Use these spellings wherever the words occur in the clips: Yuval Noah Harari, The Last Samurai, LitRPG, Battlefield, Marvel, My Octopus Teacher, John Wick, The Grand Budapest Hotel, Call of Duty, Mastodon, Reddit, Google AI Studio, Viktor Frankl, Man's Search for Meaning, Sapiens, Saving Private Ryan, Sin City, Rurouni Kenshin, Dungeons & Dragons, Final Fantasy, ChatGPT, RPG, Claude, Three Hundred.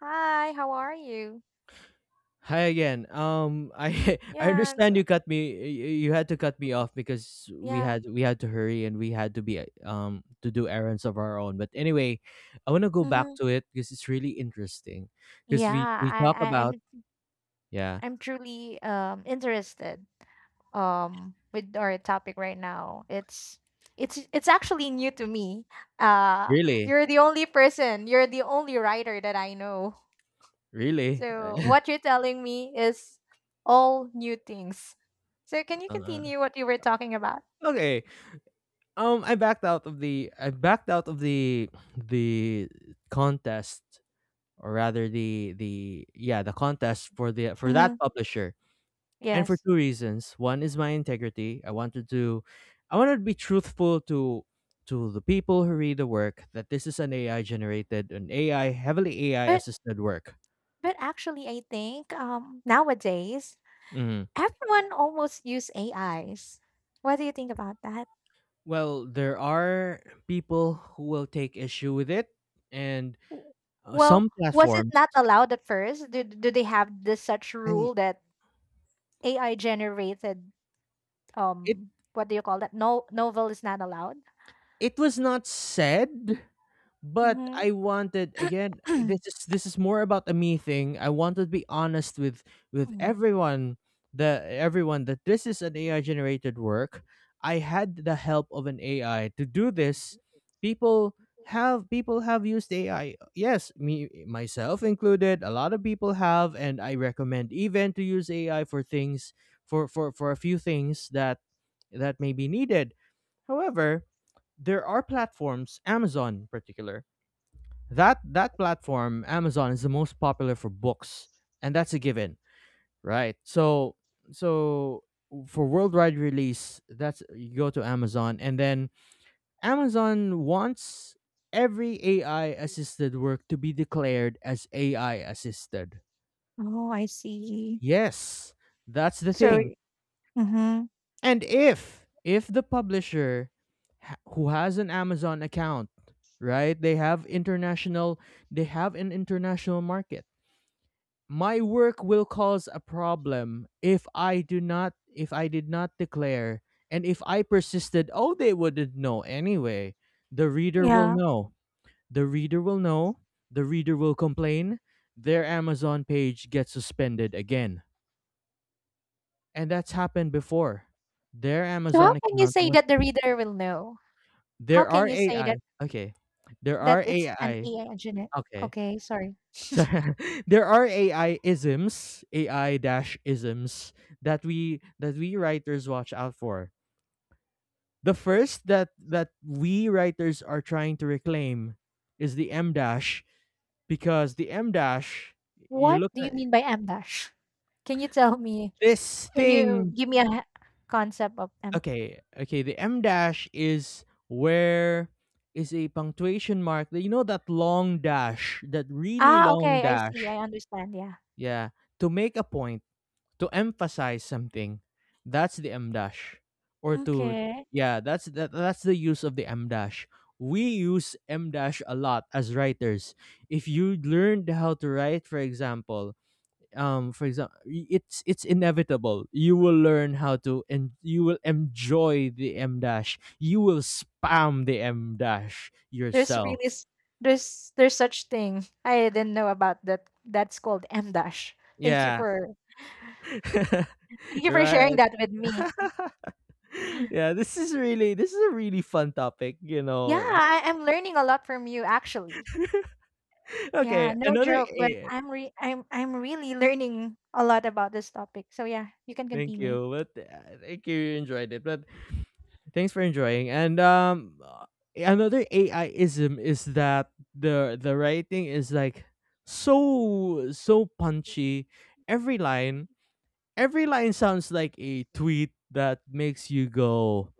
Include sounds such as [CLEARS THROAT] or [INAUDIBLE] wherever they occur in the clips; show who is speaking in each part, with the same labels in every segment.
Speaker 1: Hi, how are you?
Speaker 2: Hi again. I [LAUGHS] I
Speaker 1: Yeah,
Speaker 2: understand
Speaker 1: go
Speaker 2: you cut me. You had to cut me off because we
Speaker 1: yeah.
Speaker 2: had we had to hurry and we had to be to do errands of our own. But anyway, I want to go back
Speaker 1: Mhm.
Speaker 2: to it because it's really interesting. Because
Speaker 1: Yeah,
Speaker 2: we talk
Speaker 1: I I
Speaker 2: about
Speaker 1: I'm
Speaker 2: yeah,
Speaker 1: I'm truly interested with our topic right now. It's actually new to me. Uh
Speaker 2: really,
Speaker 1: you're the only person, you're the only writer that I know.
Speaker 2: really.
Speaker 1: So
Speaker 2: [LAUGHS]
Speaker 1: what you're telling me is all new things. So can you
Speaker 2: uh,
Speaker 1: continue what you were talking about?
Speaker 2: okay. I backed out of the I backed out of the contest or rather the contest for the for that
Speaker 1: Mhm.
Speaker 2: publisher and for
Speaker 1: Yes.
Speaker 2: two reasons. One is my integrity. I wanted to be truthful to the people who read the work that this is an AI generated, an AI heavily AI
Speaker 1: But
Speaker 2: assisted work.
Speaker 1: but actually I think nowadays
Speaker 2: Mhm.
Speaker 1: everyone almost use AIs. What do you think about that?
Speaker 2: Well, there are people who will take issue with it, and
Speaker 1: W well,
Speaker 2: some
Speaker 1: was it
Speaker 2: platforms.
Speaker 1: not allowed at first? Do they have this such
Speaker 2: I,
Speaker 1: rule that AI generated,
Speaker 2: it
Speaker 1: what do you call that? No novel is not allowed?
Speaker 2: it was not said. But
Speaker 1: Mhm.
Speaker 2: I wanted again, this is more about a me thing. I wanted to be honest with
Speaker 1: Mhm.
Speaker 2: everyone the everyone that this is an AI
Speaker 1: [CLEARS THROAT]
Speaker 2: generated work. I had the help of an AI to do this. People people have used AI. Yes, me myself included. A lot of people have, and I recommend even to use AI for things for a few things that may be needed. However, there are platforms, Amazon in particular, that platform Amazon is the most popular for books, and that's a given, right? So so for worldwide release, that's, you go to Amazon, and then Amazon wants every AI assisted work to be declared as AI assisted.
Speaker 1: Oh, I see.
Speaker 2: Yes, that's the
Speaker 1: So
Speaker 2: thing.
Speaker 1: mhm,
Speaker 2: And if the publisher who has an Amazon account, right, they have an international market, my work will cause a problem if I do not, if I did not declare. And if I persisted, oh, they wouldn't know anyway. The reader will
Speaker 1: yeah.
Speaker 2: know. The reader will know. The reader will complain. Their Amazon page gets suspended again, and that's happened before. Their
Speaker 1: So how
Speaker 2: Amazon
Speaker 1: can you
Speaker 2: account
Speaker 1: say
Speaker 2: was.
Speaker 1: that the reader will know? How can
Speaker 2: there
Speaker 1: you
Speaker 2: are
Speaker 1: say that
Speaker 2: AI okay there
Speaker 1: that
Speaker 2: are
Speaker 1: it's an
Speaker 2: AI,
Speaker 1: AI generated?
Speaker 2: okay.
Speaker 1: Okay, sorry.
Speaker 2: So [LAUGHS] there are AI isms, AI dash isms that we writers watch out for. The first that we writers are trying to reclaim is the M dash, because the M dash, you
Speaker 1: What
Speaker 2: look
Speaker 1: do you
Speaker 2: at
Speaker 1: mean by M dash? Can you tell me?
Speaker 2: this
Speaker 1: Can you
Speaker 2: thing.
Speaker 1: give me a h concept of them?
Speaker 2: Okay, the M dash is where is a punctuation mark, you know, that long dash, that really
Speaker 1: Ah,
Speaker 2: long
Speaker 1: okay, I see, I
Speaker 2: dash,
Speaker 1: understand, yeah.
Speaker 2: yeah, to make a point, to emphasize something, that's the M dash. Or to,
Speaker 1: Okay.
Speaker 2: yeah, that's that, that's the use of the M dash. We use M dash a lot as writers. If you learned how to write, for example, for example, it's inevitable, you will learn how to, and you will enjoy the M dash, you will spam the M dash
Speaker 1: There's really
Speaker 2: yourself,
Speaker 1: s There's such thing. I didn't know about that. That's called M dash. Thank you
Speaker 2: yeah.
Speaker 1: for Thank
Speaker 2: [LAUGHS]
Speaker 1: you for sharing
Speaker 2: Right.
Speaker 1: that with me.
Speaker 2: [LAUGHS] Yeah, this is a really fun topic,
Speaker 1: Yeah, I'm learning a lot from you actually. Yeah,
Speaker 2: Okay,
Speaker 1: no
Speaker 2: another
Speaker 1: joke, but
Speaker 2: a
Speaker 1: I'm really learning a lot about this topic. So yeah, you can
Speaker 2: thank
Speaker 1: continue.
Speaker 2: you, thank you, you enjoyed it, but thanks for enjoying, and, another AI-ism is that the writing is, like, so punchy. Every line every line sounds like a tweet that makes you go,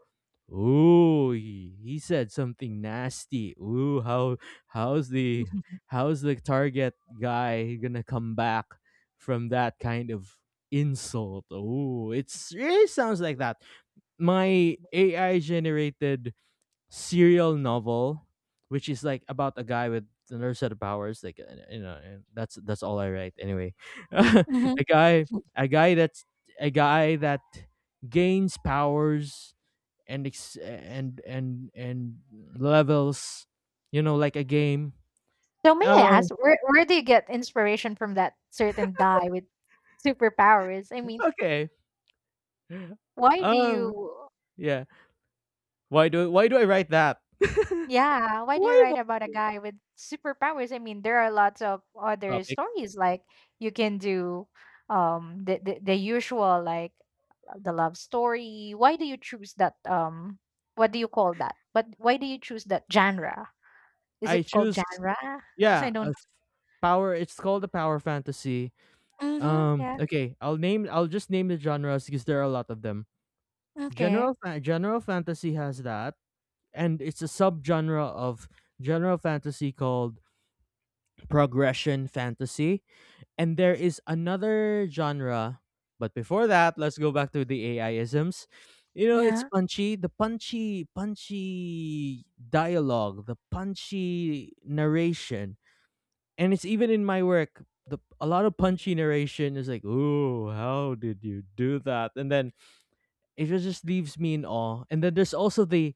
Speaker 2: "Ooh, he said something nasty. Ooh, how's the
Speaker 1: [LAUGHS]
Speaker 2: how's the target guy gonna come back from that kind of insult?" Ooh, it's really sounds like that. My AI generated serial novel, which is like about a guy with another set of powers, like you know, and that's all I write anyway. [LAUGHS] a
Speaker 1: Mhm.
Speaker 2: guy, a guy that's a guy that gains powers and and levels, you know, like a game.
Speaker 1: So may I
Speaker 2: um
Speaker 1: ask, where do you get inspiration from that certain guy with superpowers? I mean,
Speaker 2: okay
Speaker 1: why do you
Speaker 2: um yeah why do I write that?
Speaker 1: Yeah,
Speaker 2: [LAUGHS]
Speaker 1: why do you
Speaker 2: Why of
Speaker 1: write
Speaker 2: all
Speaker 1: about a
Speaker 2: things
Speaker 1: guy with superpowers? I mean, there are lots of other
Speaker 2: topic.
Speaker 1: stories like you can do the usual like the love story. Why do you choose that what do you call that? But why do you choose that genre? Is
Speaker 2: I
Speaker 1: it called
Speaker 2: choose
Speaker 1: genre? [LAUGHS] I
Speaker 2: yeah
Speaker 1: don't
Speaker 2: a
Speaker 1: know.
Speaker 2: Power, it's called the power fantasy.
Speaker 1: Mhm. Yeah.
Speaker 2: Okay, I'll just name the genres because there are a lot of them.
Speaker 1: Okay.
Speaker 2: General fantasy has that, and it's a subgenre of general fantasy called progression fantasy. And there is another genre, but before that, let's go back to the AIisms. You know, it's
Speaker 1: Yeah.
Speaker 2: punchy, the punchy, punchy dialogue, the punchy narration, and it's even in my work. The A lot of punchy narration is like, "Ooh, how did you do that?" And then it just leaves me in awe. And then there's also the,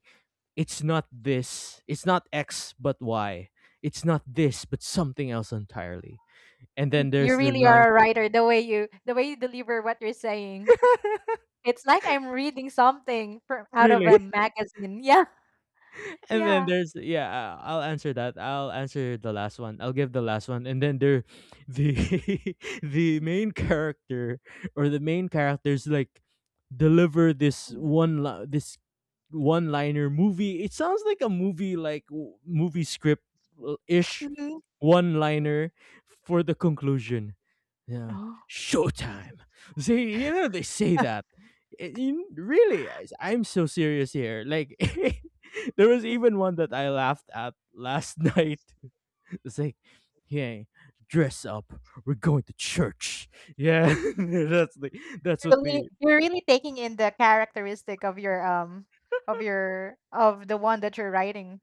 Speaker 2: "It's not this, it's not X, but Y. It's not this, but something else entirely." And then
Speaker 1: You
Speaker 2: there's the
Speaker 1: really
Speaker 2: line,
Speaker 1: are a writer. The way you deliver what you're saying. It's like I'm reading something from out of
Speaker 2: "Really."
Speaker 1: a magazine. [LAUGHS] Yeah.
Speaker 2: [LAUGHS] And then
Speaker 1: Yeah.
Speaker 2: there's, yeah, I'll answer that. I'll answer the last one. I'll give the last one. And then there the [LAUGHS] the main character or the main characters like deliver this this one liner movie. It sounds like a movie like movie script, ish,
Speaker 1: Mhm.
Speaker 2: one liner for the conclusion. Yeah.
Speaker 1: Oh.
Speaker 2: Showtime. See, you know, they say that. Really, I'm so serious here. Like, [LAUGHS] [LAUGHS] there was
Speaker 1: Mm.
Speaker 2: even one that I laughed at last night. [LAUGHS] It's like, yeah, dress up. We're going to church. Yeah, [LAUGHS] that's the that's what they.
Speaker 1: You're really taking in the characteristic of your of the one that you're writing.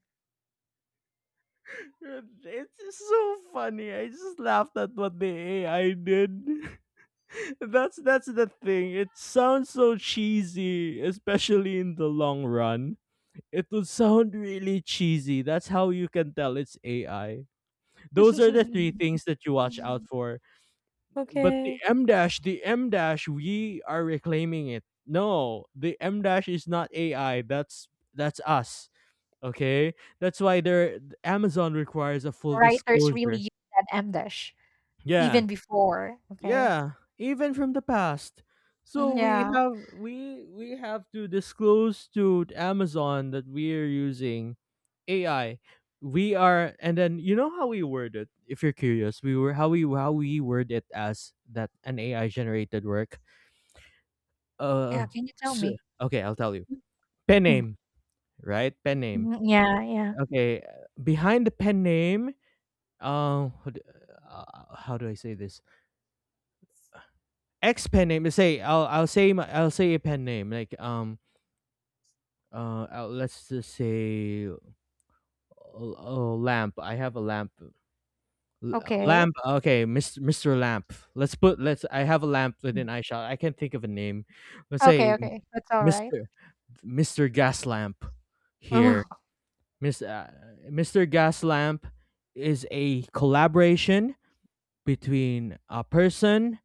Speaker 2: It's just so funny. I just laughed at what the AI did. [LAUGHS] That's the thing. It sounds so cheesy, especially in the long run. It would sound really cheesy. That's how you can tell it's AI. Those are
Speaker 1: [LAUGHS]
Speaker 2: the three things that you watch out
Speaker 1: Mhm.
Speaker 2: for. But
Speaker 1: Okay.
Speaker 2: The M dash, we are reclaiming it. No, the M dash is not AI. That's us. Okay, that's why there Amazon requires a full
Speaker 1: Writers really
Speaker 2: disclosure.
Speaker 1: use that M dash
Speaker 2: Yeah,
Speaker 1: even before. Okay.
Speaker 2: yeah, even from the past. So
Speaker 1: Mhm, yeah.
Speaker 2: we have to disclose to Amazon that we are using AI. We are, and then you know how we word it. If you're curious, we were how we word it as that an AI generated work. Uh,
Speaker 1: Yeah. Can you tell
Speaker 2: s
Speaker 1: me?
Speaker 2: Okay, I'll tell you. Pen
Speaker 1: Mhm.
Speaker 2: name. Right? Pen name.
Speaker 1: Mhm, yeah. Yeah.
Speaker 2: Okay, behind the pen name, uh, how do how do I say this? Ex pen name. Let's say I'll I'll say a pen name like let's just say lamp. I have a lamp. L-
Speaker 1: Okay.
Speaker 2: Lamp. Okay, Mr. Lamp. Let's put let's I have a lamp within eyeshot. I can't think of a name. Let's say
Speaker 1: Okay, okay. That's alright.
Speaker 2: Mr. Mr. Gas Lamp here.
Speaker 1: Oh.
Speaker 2: Mr. Gaslamp is a collaboration between a person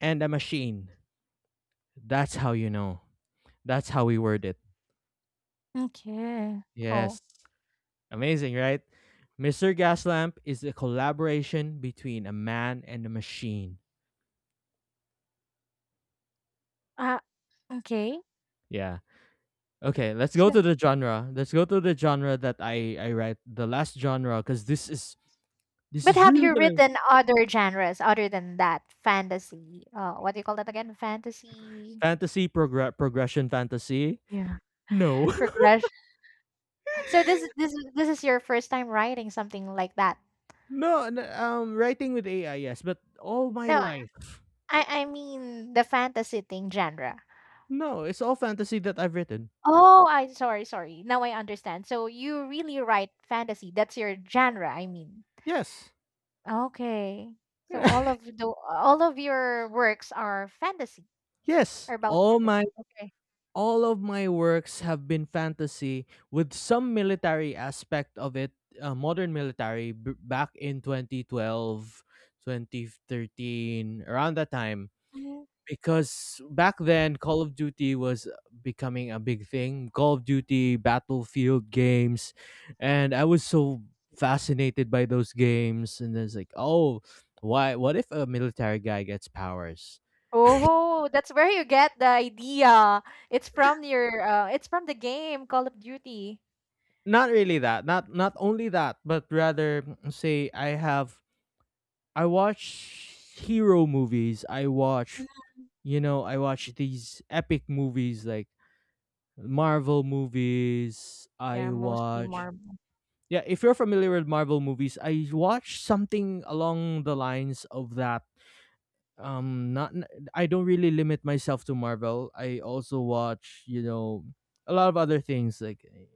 Speaker 2: and a machine. That's how you know. That's how we word it.
Speaker 1: Okay. Oh,
Speaker 2: Yes. Amazing, right? Mr. Gaslamp is a collaboration between a man and a machine.
Speaker 1: uh, okay.
Speaker 2: Yeah. Okay, let's go to
Speaker 1: So
Speaker 2: the genre. Let's go to the genre that I write, the last genre, cuz this
Speaker 1: but
Speaker 2: is
Speaker 1: have
Speaker 2: really
Speaker 1: you
Speaker 2: going to
Speaker 1: written other genres other than that? Fantasy, what do you call that again? Fantasy.
Speaker 2: fantasy, progression fantasy.
Speaker 1: Yeah.
Speaker 2: No.
Speaker 1: Progression. So this is this is your first time writing something like that?
Speaker 2: No, n writing with AI, yes, but all my
Speaker 1: No,
Speaker 2: life.
Speaker 1: I mean the fantasy thing genre.
Speaker 2: No, it's all fantasy that I've written.
Speaker 1: Oh, I sorry, sorry. Now I understand. So you really write fantasy. That's your genre, I mean.
Speaker 2: Yes.
Speaker 1: Okay. So
Speaker 2: [LAUGHS]
Speaker 1: all of your works are fantasy,
Speaker 2: Yes.
Speaker 1: are about fantasy. Okay.
Speaker 2: All of my works have been fantasy with some military aspect of it, modern military back in 2012, 2013, around that time.
Speaker 1: Mhm.
Speaker 2: Because back then Call of Duty was becoming a big thing. Call of Duty, Battlefield games, and I was so fascinated by those games. And it's like, oh, why? What if a military guy gets powers?
Speaker 1: Oh, that's where you get the idea. It's from your it's from the game Call of Duty.
Speaker 2: Not really that. Not not only that, but rather mm, say I have, I watch hero movies. I watch, you know, I watch these epic movies like Marvel movies.
Speaker 1: Yeah,
Speaker 2: I
Speaker 1: mostly
Speaker 2: watch,
Speaker 1: Marvel.
Speaker 2: yeah, if you're familiar with Marvel movies, I watch something along the lines of that. Not n- I don't really limit myself to Marvel. I also watch, you know, a lot of other things like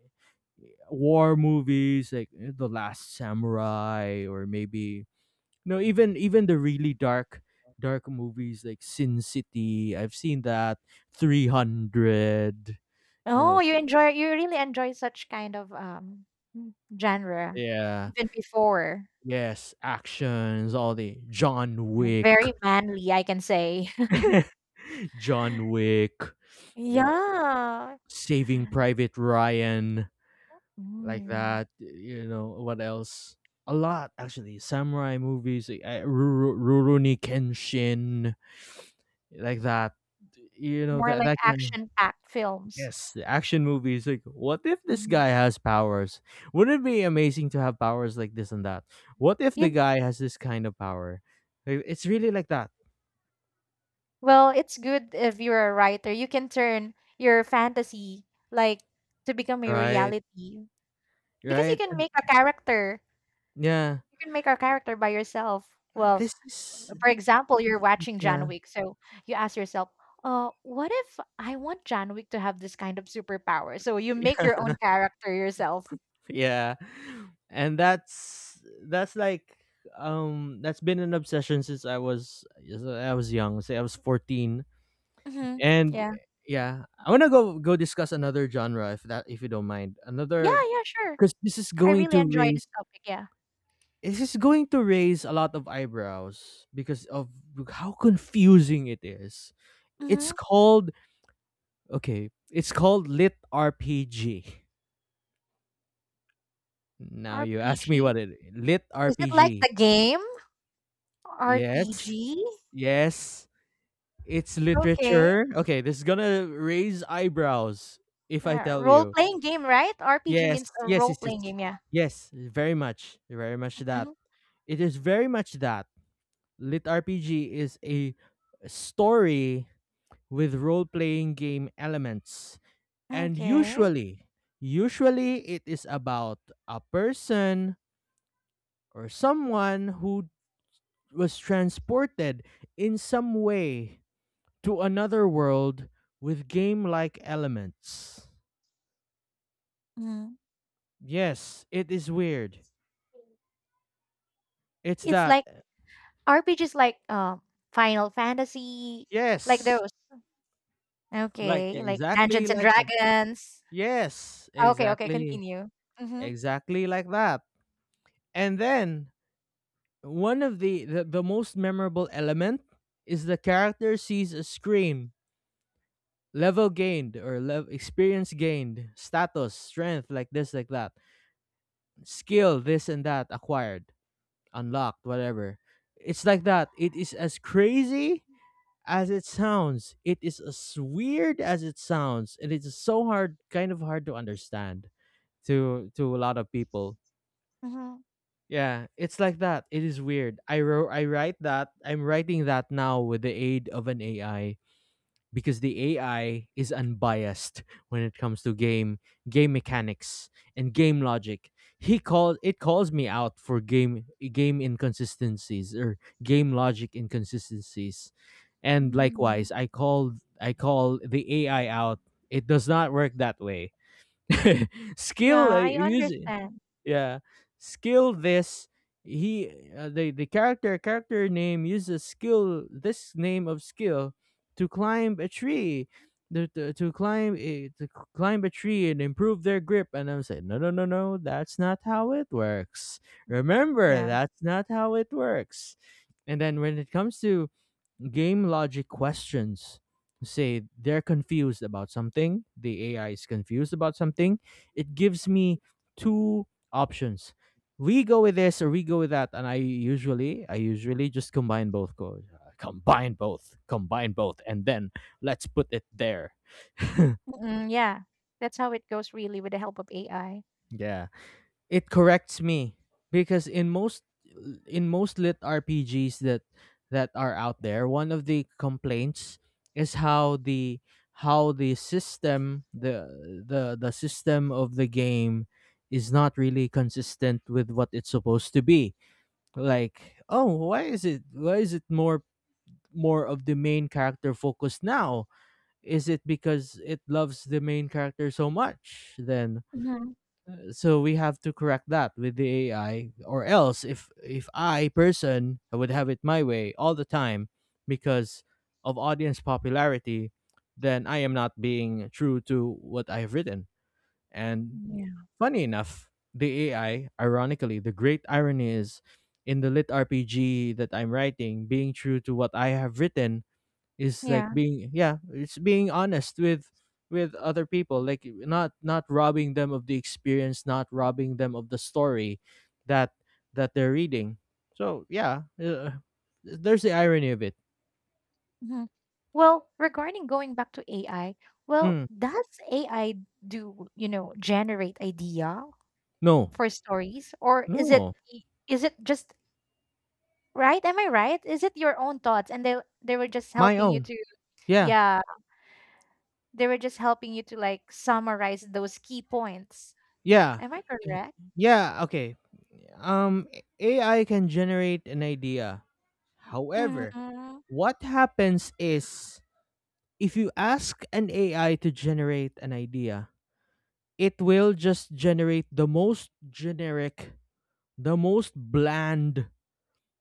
Speaker 2: war movies, like The Last Samurai, or maybe no, even even the really dark movies like Sin City. I've seen that. 300. You know,
Speaker 1: Oh, you really enjoy such kind of mm, genre
Speaker 2: yeah,
Speaker 1: even before.
Speaker 2: yes, actions, all the John
Speaker 1: You're
Speaker 2: Wick.
Speaker 1: very manly, I can say. [LAUGHS]
Speaker 2: [LAUGHS] John Wick, you know,
Speaker 1: Yeah.
Speaker 2: Saving Private Ryan, like
Speaker 1: Mm.
Speaker 2: that. You know what else? A lot actually. Samurai movies, like, Rurouni Kenshin, like that. You know
Speaker 1: More
Speaker 2: that
Speaker 1: like
Speaker 2: that kind of,
Speaker 1: action-packed films.
Speaker 2: yes, the action movies. Like, what if this
Speaker 1: Mhm.
Speaker 2: guy has powers? Wouldn't it be amazing to have powers like this and that? What if the
Speaker 1: You
Speaker 2: guy has this kind of power? Like, it's really like that,
Speaker 1: well, it's good if you're a writer. You can turn your fantasy like to become a
Speaker 2: right?
Speaker 1: reality because you
Speaker 2: Right,
Speaker 1: can
Speaker 2: and
Speaker 1: make a character.
Speaker 2: yeah,
Speaker 1: You can make a character by yourself. Well,
Speaker 2: this is
Speaker 1: for example, you're watching John
Speaker 2: yeah.
Speaker 1: Wick, so you ask yourself, what if I want John Wick to have this kind of superpower?" So you make
Speaker 2: [LAUGHS]
Speaker 1: your own character yourself.
Speaker 2: Yeah, and that's like, that's been an obsession since I was young, say I was 14.
Speaker 1: Mm-hmm.
Speaker 2: And
Speaker 1: Yeah.
Speaker 2: yeah, I want to go discuss another genre, if that, if you don't mind,
Speaker 1: Yeah.
Speaker 2: another,
Speaker 1: Yeah. Sure.
Speaker 2: because this is
Speaker 1: I
Speaker 2: going
Speaker 1: really
Speaker 2: to
Speaker 1: enjoy this
Speaker 2: raise,
Speaker 1: topic. Yeah.
Speaker 2: this is going to raise a lot of eyebrows because of how confusing it is. It's
Speaker 1: Mm-hmm.
Speaker 2: called, okay, it's called lit RPG. Now you ask me
Speaker 1: RPG.
Speaker 2: what it, lit
Speaker 1: Is it like
Speaker 2: RPG,
Speaker 1: the game?
Speaker 2: yes.
Speaker 1: RPG.
Speaker 2: Yes, it's
Speaker 1: Okay.
Speaker 2: literature. Okay, this is gonna raise eyebrows if I
Speaker 1: Yeah,
Speaker 2: tell you.
Speaker 1: role-playing game, right? RPG
Speaker 2: Yes,
Speaker 1: means a
Speaker 2: yes, yes, yes,
Speaker 1: role-playing game, yeah.
Speaker 2: yes. Very much, very much that.
Speaker 1: Mhm.
Speaker 2: It is very much that. Lit RPG is a story with role-playing game elements,
Speaker 1: Mhm.
Speaker 2: and
Speaker 1: Okay.
Speaker 2: usually it is about a person or someone who was transported in some way to another world with game like elements.
Speaker 1: Mhm.
Speaker 2: Yes, it is weird. It's
Speaker 1: It's
Speaker 2: that.
Speaker 1: like RPGs like, Final Fantasy, like
Speaker 2: Yes.
Speaker 1: those.
Speaker 2: Like
Speaker 1: Okay, like
Speaker 2: exactly
Speaker 1: Dungeons & and
Speaker 2: like that.
Speaker 1: Dragons.
Speaker 2: Yes,
Speaker 1: Okay, okay,
Speaker 2: exactly.
Speaker 1: continue. Mhm,
Speaker 2: Exactly like that. And then one of the most memorable element is the character sees a screen, level gained or level experience gained, status, strength, like this, like that, skill, this and that acquired, unlocked, whatever. It's like that. It is as crazy as it sounds. It is as weird as it sounds, and kind of hard to understand to a lot of people.
Speaker 1: mhm,
Speaker 2: Yeah, it's like that. It is weird. I write that. I'm writing that now with the aid of an AI, because the AI is unbiased when it comes to game mechanics and game logic. He called it calls me out for game inconsistencies or game logic inconsistencies. And
Speaker 1: mm.
Speaker 2: likewise, I call the AI out. It does not work that way. [LAUGHS] Skill
Speaker 1: Yeah,
Speaker 2: I
Speaker 1: I
Speaker 2: use,
Speaker 1: understand.
Speaker 2: yeah, skill this, he the character name uses skill, this name of skill, to climb a tree, to climb climb a tree and improve their grip. And I'm saying, no, no, no, no, that's not how it works. Remember,
Speaker 1: Yeah.
Speaker 2: that's not how it works. And then when it comes to game logic questions, say they're confused about something, the AI is confused about something. It gives me two options. We go with this or we go with that, and I usually just combine both go combine both and then let's put it there. [LAUGHS]
Speaker 1: Mm. Mm, yeah. That's how it goes really with the help of AI.
Speaker 2: Yeah. It corrects me because in most lit RPGs that are out there, one of the complaints is how the how the system the system of the game is not really consistent with what it's supposed to be. Like, oh, why is it more of the main character focused now? Is it because it loves the main character so much? Then
Speaker 1: Mhm.
Speaker 2: so we have to correct that with the AI, or else if I person, I would have it my way all the time because of audience popularity. Then I am not being true to what I've written. And
Speaker 1: Yeah.
Speaker 2: funny enough, the AI, ironically, the great irony is, in the lit RPG that I'm writing, being true to what I have written is like
Speaker 1: Yeah.
Speaker 2: being, yeah, it's being honest with other people, like not robbing them of the experience, not robbing them of the story that they're reading. So yeah, there's the irony of it.
Speaker 1: Mhm. Well, regarding going back to AI, well,
Speaker 2: mm,
Speaker 1: does AI do, generate idea
Speaker 2: no,
Speaker 1: for stories or
Speaker 2: no,
Speaker 1: is it just right? Am I right? Is it your own thoughts and they were just
Speaker 2: my
Speaker 1: helping you
Speaker 2: own,
Speaker 1: to
Speaker 2: yeah,
Speaker 1: yeah, they were just helping you to like summarize those key points.
Speaker 2: yeah.
Speaker 1: Am I
Speaker 2: Eh,
Speaker 1: correct?
Speaker 2: yeah, okay. um AI can generate an idea. However,
Speaker 1: Hmm.
Speaker 2: what happens is, if you ask an AI to generate an idea, it will just generate the most generic, the most bland,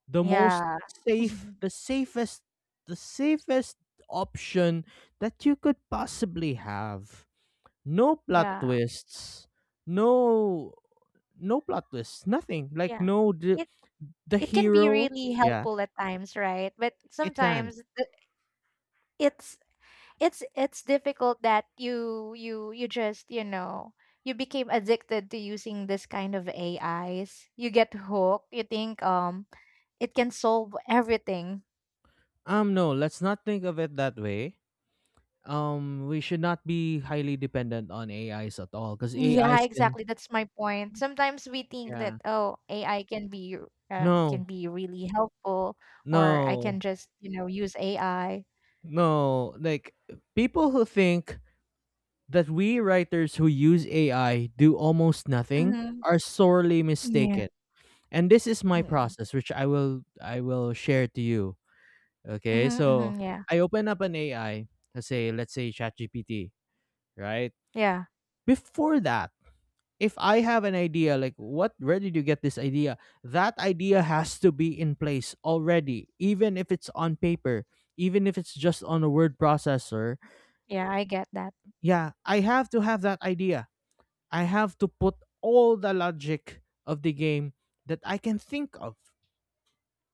Speaker 2: the most
Speaker 1: Yeah.
Speaker 2: safe,
Speaker 1: [LAUGHS]
Speaker 2: the safest, the safest option that you could possibly have. No plot
Speaker 1: Yeah.
Speaker 2: twists. No no plot twists. Nothing. Like
Speaker 1: Yeah.
Speaker 2: no the,
Speaker 1: It
Speaker 2: the
Speaker 1: it can be
Speaker 2: hero.
Speaker 1: really
Speaker 2: Yeah,
Speaker 1: helpful at times, right? But
Speaker 2: it can.
Speaker 1: sometimes it's it's difficult that you just you became addicted to using this kind of AIs. You get hooked. You think it can solve everything.
Speaker 2: No, let's not think of it that way. We should not be highly dependent on AIs at all, cuz
Speaker 1: Yeah,
Speaker 2: AIs can,
Speaker 1: exactly. That's my point. Sometimes we think that
Speaker 2: yeah.
Speaker 1: oh AI can
Speaker 2: No,
Speaker 1: be really helpful or I can
Speaker 2: No,
Speaker 1: just use AI.
Speaker 2: no. Like people who think that we writers who use AI do almost nothing
Speaker 1: Mm-hmm.
Speaker 2: are sorely
Speaker 1: Yeah.
Speaker 2: mistaken. And this is my
Speaker 1: Mm-hmm,
Speaker 2: process, which I will share to you. Okay, so
Speaker 1: mm-hmm, yeah.
Speaker 2: I open up an AI, let's say ChatGPT, right?
Speaker 1: Yeah.
Speaker 2: Before that, if I have an idea, like, what, where did you get this idea? That idea has to be in place already, even if it's on paper, even if it's just on a word processor.
Speaker 1: Yeah. I get that.
Speaker 2: Yeah, I have to have that idea. I have to put all the logic of the game that I can think of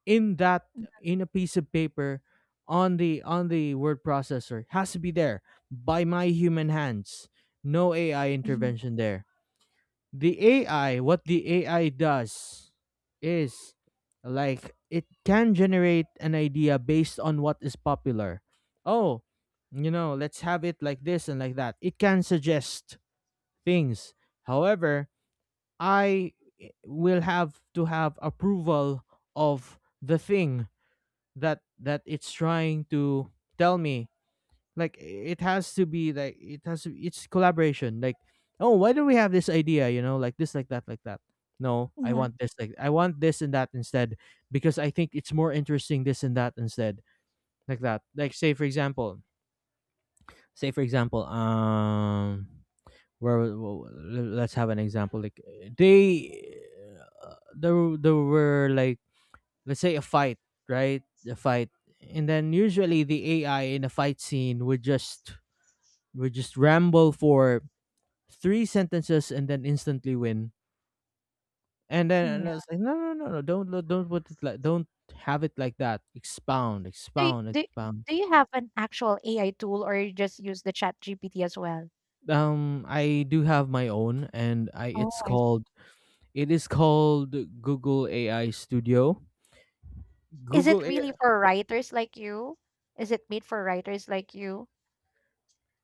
Speaker 2: in that in a piece of paper, on the word processor, has to be there by my human hands. No AI
Speaker 1: Mm-hmm.
Speaker 2: intervention there. What the AI does is, like, it can generate an idea based on what is popular. Oh, you know, let's have it like this and like that. It can suggest things. However, I will have to have approval of the thing that it's trying to tell me. Like it has to be, like it has to, it's collaboration. Like, oh, why do we have this idea? You know, like this, like that, like that. No, I
Speaker 1: Hmm.
Speaker 2: want this, like, I want this and that instead, because I think it's more interesting this and that instead, like that. Like, say for example, where w- w- let's have an example. Like, they uh, there there were like, let's say, a fight, right, a fight. And then usually the AI in a fight scene would just ramble for 3 sentences and then instantly win. And then, and I was like, no, no, no, no, don't put it like, don't have it like that. Expound,
Speaker 1: Do y
Speaker 2: expound,
Speaker 1: do
Speaker 2: expound.
Speaker 1: do you have an actual AI tool or you just use the ChatGPT as well?
Speaker 2: I do have my own, and I
Speaker 1: Oh,
Speaker 2: it's
Speaker 1: I see.
Speaker 2: called, it is called Google AI Studio.
Speaker 1: Is
Speaker 2: Google.
Speaker 1: it really for writers like you? Is it made for writers like you?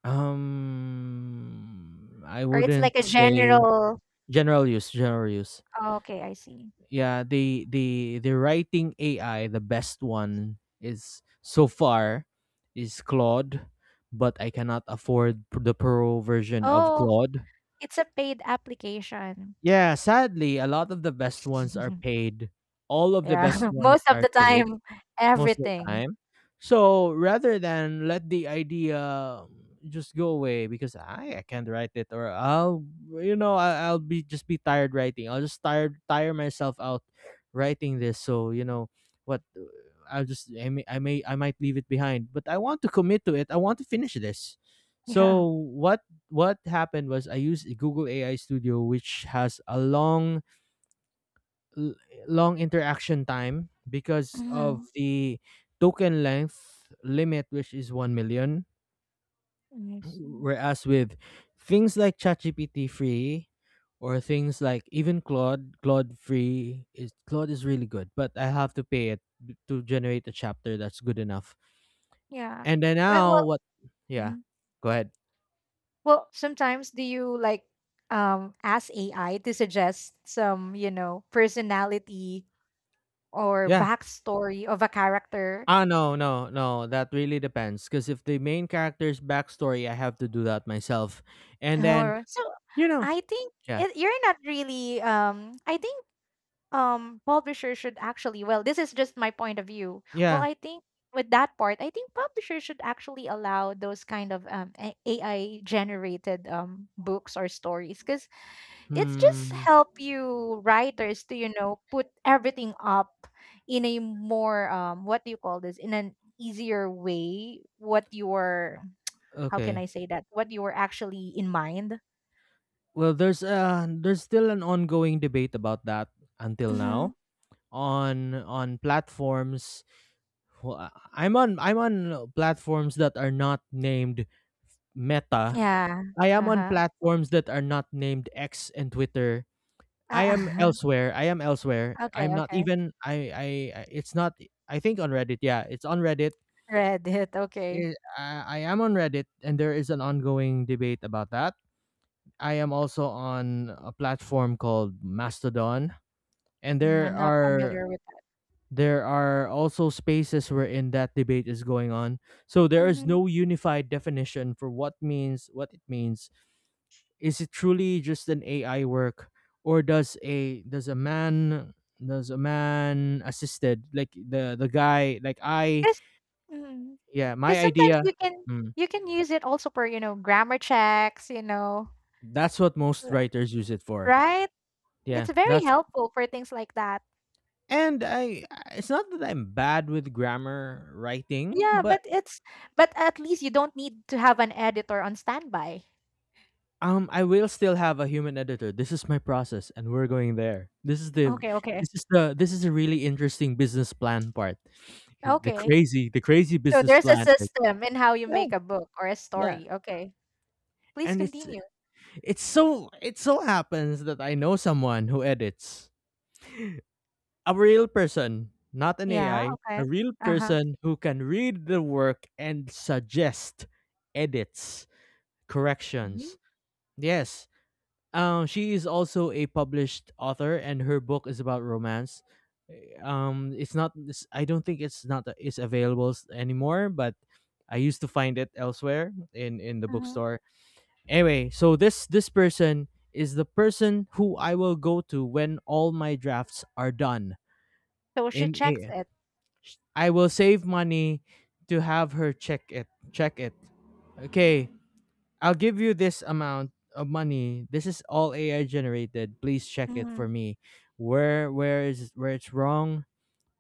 Speaker 2: I
Speaker 1: Or it's
Speaker 2: wouldn't
Speaker 1: like a [LAUGHS]
Speaker 2: say,
Speaker 1: general
Speaker 2: general use, general use.
Speaker 1: oh, okay, I see.
Speaker 2: Yeah, the writing AI, the best one is so far is Claude, but I cannot afford the pro version of
Speaker 1: Oh,
Speaker 2: Claude.
Speaker 1: it's a paid application.
Speaker 2: Yeah, sadly, a lot of the best ones are
Speaker 1: [LAUGHS]
Speaker 2: paid. All of the
Speaker 1: Yeah,
Speaker 2: best
Speaker 1: [LAUGHS]
Speaker 2: ones
Speaker 1: most of
Speaker 2: are
Speaker 1: the
Speaker 2: paid.
Speaker 1: time,
Speaker 2: Most of the
Speaker 1: everything.
Speaker 2: time? So rather than let the idea just go away because I can't write it, or I'll, you know, I'll be just be tired writing. I'll just tire myself out writing this. So you know what, I'll just, I might leave it behind, but I want to commit to it. I want to finish this.
Speaker 1: Yeah.
Speaker 2: So what happened was, I used Google AI Studio, which has a long l- long interaction time because of
Speaker 1: Mhm.
Speaker 2: the token length limit, which is 1 million.
Speaker 1: I see.
Speaker 2: Whereas with things like ChatGPT free, or things like even Claude free is, Claude is really good, but I have to pay it to generate a chapter that's good enough.
Speaker 1: Yeah.
Speaker 2: And then
Speaker 1: Well
Speaker 2: now what, yeah, go ahead.
Speaker 1: well, sometimes do you like ask AI to suggest some, personality or
Speaker 2: Yeah,
Speaker 1: backstory of a character?
Speaker 2: ah, no no, that really depends, because if the main character's backstory, I have to do that myself. And then,
Speaker 1: Or So
Speaker 2: you know,
Speaker 1: I think
Speaker 2: yeah.
Speaker 1: you're not really I think publisher should actually well this is just my point of view. Well,
Speaker 2: Yeah.
Speaker 1: I think with that part, I think publishers should actually allow those kind of AI generated books or stories because it's just
Speaker 2: Hmm.
Speaker 1: help you writers to put everything up in a more what do you call this in an easier way what you your how can I
Speaker 2: Okay.
Speaker 1: say that what you were actually in mind.
Speaker 2: Well, there's still an ongoing debate about that until
Speaker 1: Hmm.
Speaker 2: now, on platforms. Well, I'm on platforms that are not named Meta.
Speaker 1: Yeah.
Speaker 2: I am on
Speaker 1: Uh-huh.
Speaker 2: platforms that are not named X and Twitter. I am
Speaker 1: Uh-huh.
Speaker 2: elsewhere. I am elsewhere.
Speaker 1: [LAUGHS] Okay,
Speaker 2: I'm not
Speaker 1: okay.
Speaker 2: even I- It's not, I think, on Reddit. Yeah, it's on Reddit.
Speaker 1: Reddit. Okay.
Speaker 2: I am on Reddit, and there is an ongoing debate about that. I am also on a platform called Mastodon, and
Speaker 1: Mm, I'm not familiar with that.
Speaker 2: there are also spaces wherein that debate is going on. So there is no unified definition for what means, what it means. Is it truly just an AI work, or does a man, does a man assisted, like the guy, like I,
Speaker 1: because
Speaker 2: yeah,
Speaker 1: because
Speaker 2: my
Speaker 1: sometimes
Speaker 2: idea.
Speaker 1: you can
Speaker 2: Mm,
Speaker 1: use it also for grammar checks, you know.
Speaker 2: that's what most
Speaker 1: r-
Speaker 2: writers use it for.
Speaker 1: right.
Speaker 2: Yeah,
Speaker 1: It's very
Speaker 2: that's,
Speaker 1: helpful for things like that.
Speaker 2: and I, it's not that I'm bad with grammar writing,
Speaker 1: Yeah,
Speaker 2: but,
Speaker 1: but it's but at least you don't need to have an editor on standby.
Speaker 2: I will still have a human editor. This is my process, and we're going there. This is the,
Speaker 1: Okay, okay.
Speaker 2: this is a really interesting business plan part. The
Speaker 1: Okay.
Speaker 2: crazy, the crazy
Speaker 1: So
Speaker 2: business
Speaker 1: there's a
Speaker 2: plan.
Speaker 1: system in how you
Speaker 2: Yeah.
Speaker 1: make a book or a
Speaker 2: Yeah.
Speaker 1: story. Okay. Please
Speaker 2: And it's
Speaker 1: continue.
Speaker 2: it's so it so happens that I know someone who edits. A real person, not an AI,
Speaker 1: Yeah, okay.
Speaker 2: a real
Speaker 1: Uh-huh.
Speaker 2: person who can read the work and suggest edits,
Speaker 1: Mhm,
Speaker 2: corrections. Yes. She is also a published author, and her book is about romance. It's not. It's, I don't think it's not, it's available anymore, but I used to find it elsewhere in the
Speaker 1: mhm.
Speaker 2: bookstore. Anyway, so this person is the person who I will go to when all my drafts are done.
Speaker 1: So she
Speaker 2: In
Speaker 1: checks
Speaker 2: a,
Speaker 1: it.
Speaker 2: I will save money to have her check it. Check it. Okay. I'll give you this amount of money. This is all AI generated. Please check it for
Speaker 1: Mhm.
Speaker 2: me. Where is where it's wrong,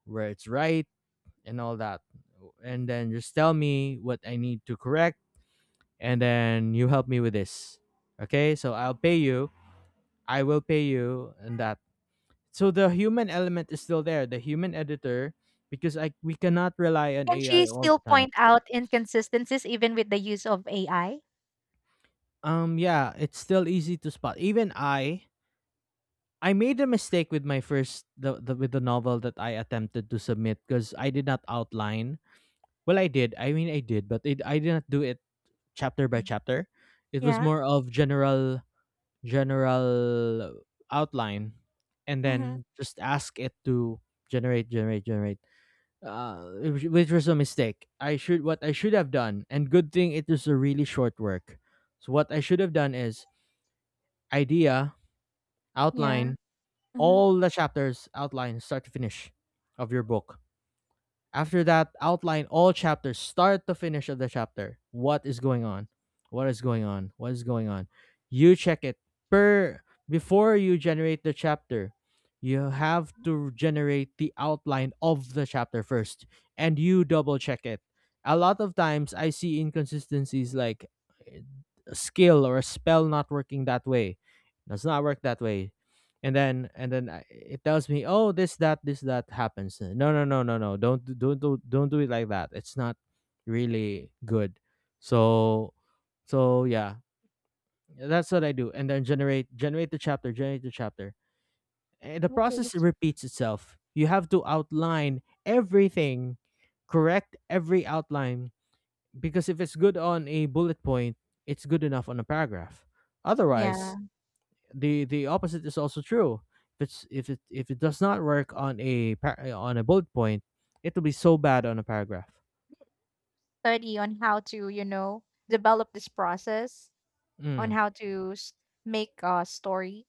Speaker 2: where it's right, and all that. And then just tell me what I need to correct, and then you help me with this. Okay? So I'll pay you. I will pay you and that. So the human element is still there, the human editor, because I we cannot rely on
Speaker 1: Can
Speaker 2: AI
Speaker 1: she
Speaker 2: all
Speaker 1: still
Speaker 2: the time.
Speaker 1: point out inconsistencies even with the use of AI?
Speaker 2: Um, yeah, it's still easy to spot. Even I made a mistake with my first, the with the novel that I attempted to submit because I did not outline. Well, I did. I mean, I did, but I did not do it chapter by
Speaker 1: Mm.
Speaker 2: chapter. It was
Speaker 1: Yeah.
Speaker 2: more of general outline, and
Speaker 1: Mm-hmm.
Speaker 2: then just ask it to generate, generate, generate. Which was a mistake. I should what I should have done, and good thing it was a really short work. So what I should have done is idea,
Speaker 1: Yeah.
Speaker 2: outline,
Speaker 1: Mm-hmm.
Speaker 2: all the chapters outline start to finish of your book. After that, outline all chapters start to finish of the chapter. What is going on? What is going on? What is going on? You check it per before you generate the chapter. You have to generate the outline of the chapter first and you double check it. A lot of times I see inconsistencies like a skill or a spell not working that way. Does not work that way, and then it tells me, oh, this that happens. No, no, no, no, no, don't do it like that. It's not really good. So so yeah, that's what I do, and then generate, generate the chapter, generate the chapter, and the
Speaker 1: Okay.
Speaker 2: process
Speaker 1: So
Speaker 2: repeats itself. You have to outline everything, correct every outline, because if it's good on a bullet point, it's good enough on a paragraph. Otherwise,
Speaker 1: yeah.
Speaker 2: the opposite is also true. If it does not work on a on a bullet point, it will be so bad on a paragraph.
Speaker 1: Study on how to, develop this process. On
Speaker 2: Mm.
Speaker 1: how to s- Make a story?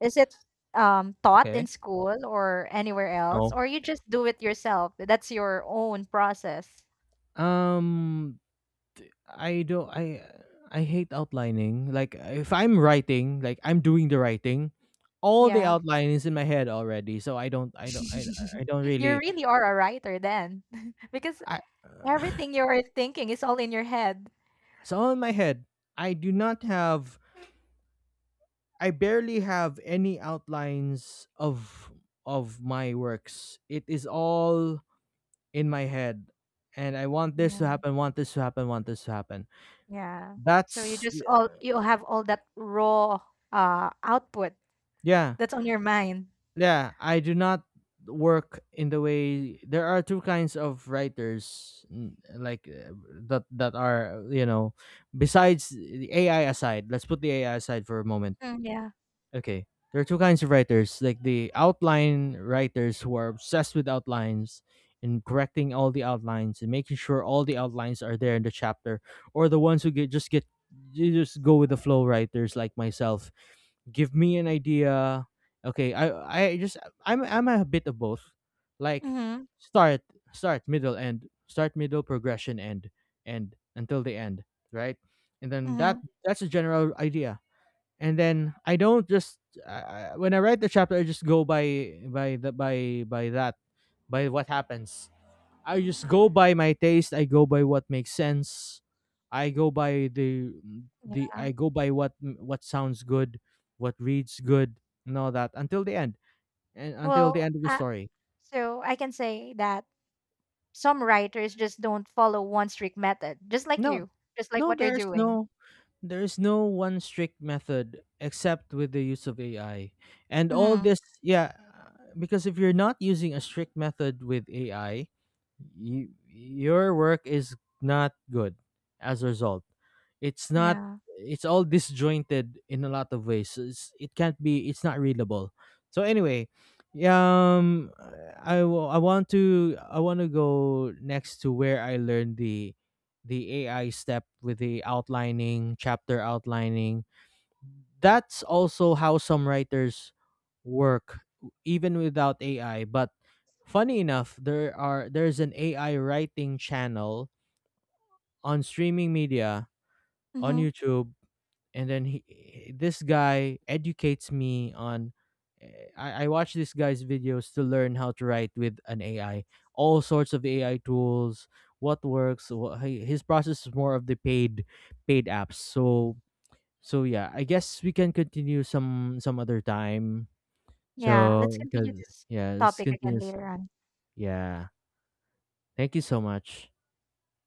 Speaker 1: Is it taught in
Speaker 2: Okay.
Speaker 1: school or anywhere else,
Speaker 2: No.
Speaker 1: or you just do it yourself? That's your own process.
Speaker 2: Um, I don't. I hate outlining. Like if I'm writing, like I'm doing the writing, all the
Speaker 1: Yeah.
Speaker 2: outline is in my head already. So
Speaker 1: [LAUGHS]
Speaker 2: I don't
Speaker 1: You
Speaker 2: really.
Speaker 1: really are a writer then, [LAUGHS] because
Speaker 2: I.
Speaker 1: everything
Speaker 2: [SIGHS]
Speaker 1: you're thinking is all in your head.
Speaker 2: It's all in my head. I do not have I barely have any outlines of my works. It is all in my head. And I want this
Speaker 1: Yeah,
Speaker 2: to happen, want this to happen, want this to happen.
Speaker 1: yeah.
Speaker 2: That's
Speaker 1: You have all that raw output
Speaker 2: yeah.
Speaker 1: that's on your mind.
Speaker 2: Yeah. I do not work in the way. There are two kinds of writers, like that are, you know, besides the ai aside, let's put the AI aside for a moment.
Speaker 1: Mm, yeah.
Speaker 2: Okay. There are two kinds of writers, like the outline writers who are obsessed with outlines and correcting all the outlines and making sure all the outlines are there in the chapter, or the ones who get just get you just go with the flow writers like myself. Give me an idea. Okay, I just I'm a bit of both. Like
Speaker 1: Mm-hmm.
Speaker 2: start, start, middle, end, start, middle, progression, end, end until the end, right? And then that
Speaker 1: Mm-hmm.
Speaker 2: that's a general idea, and then I don't just when I write the chapter, I just go by the by that by what happens. I just go by my taste. I go by what makes sense. I go by the
Speaker 1: Yeah.
Speaker 2: I go by what sounds good, what reads good, and all that until the end and until
Speaker 1: Well,
Speaker 2: the end of the story.
Speaker 1: so I can say that some writers just don't follow one strict method, just like
Speaker 2: No,
Speaker 1: you, just like
Speaker 2: no,
Speaker 1: what you're
Speaker 2: there's no
Speaker 1: doing.
Speaker 2: there is no one strict method except with the use of AI. And all
Speaker 1: Hmm.
Speaker 2: this, yeah, because if you're not using a strict method with AI, your work is not good as a result. It's not
Speaker 1: Yeah.
Speaker 2: it's all disjointed in a lot of ways. So it can't be it's not readable. So anyway, um I want to go next to where I learned the AI step with the outlining, chapter outlining. That's also how some writers work even without AI. But funny enough, there's an AI writing channel on streaming media, on
Speaker 1: Hmm.
Speaker 2: YouTube, and then he this guy educates me on I watch this guy's videos to learn how to write with an AI, all sorts of AI tools, what works. His process is more of the paid apps. So yeah, I guess we can continue some other time.
Speaker 1: Yeah. Let's
Speaker 2: So
Speaker 1: continue
Speaker 2: because
Speaker 1: this
Speaker 2: yeah, this
Speaker 1: topic again
Speaker 2: continues.
Speaker 1: later on.
Speaker 2: Yeah, thank you so much.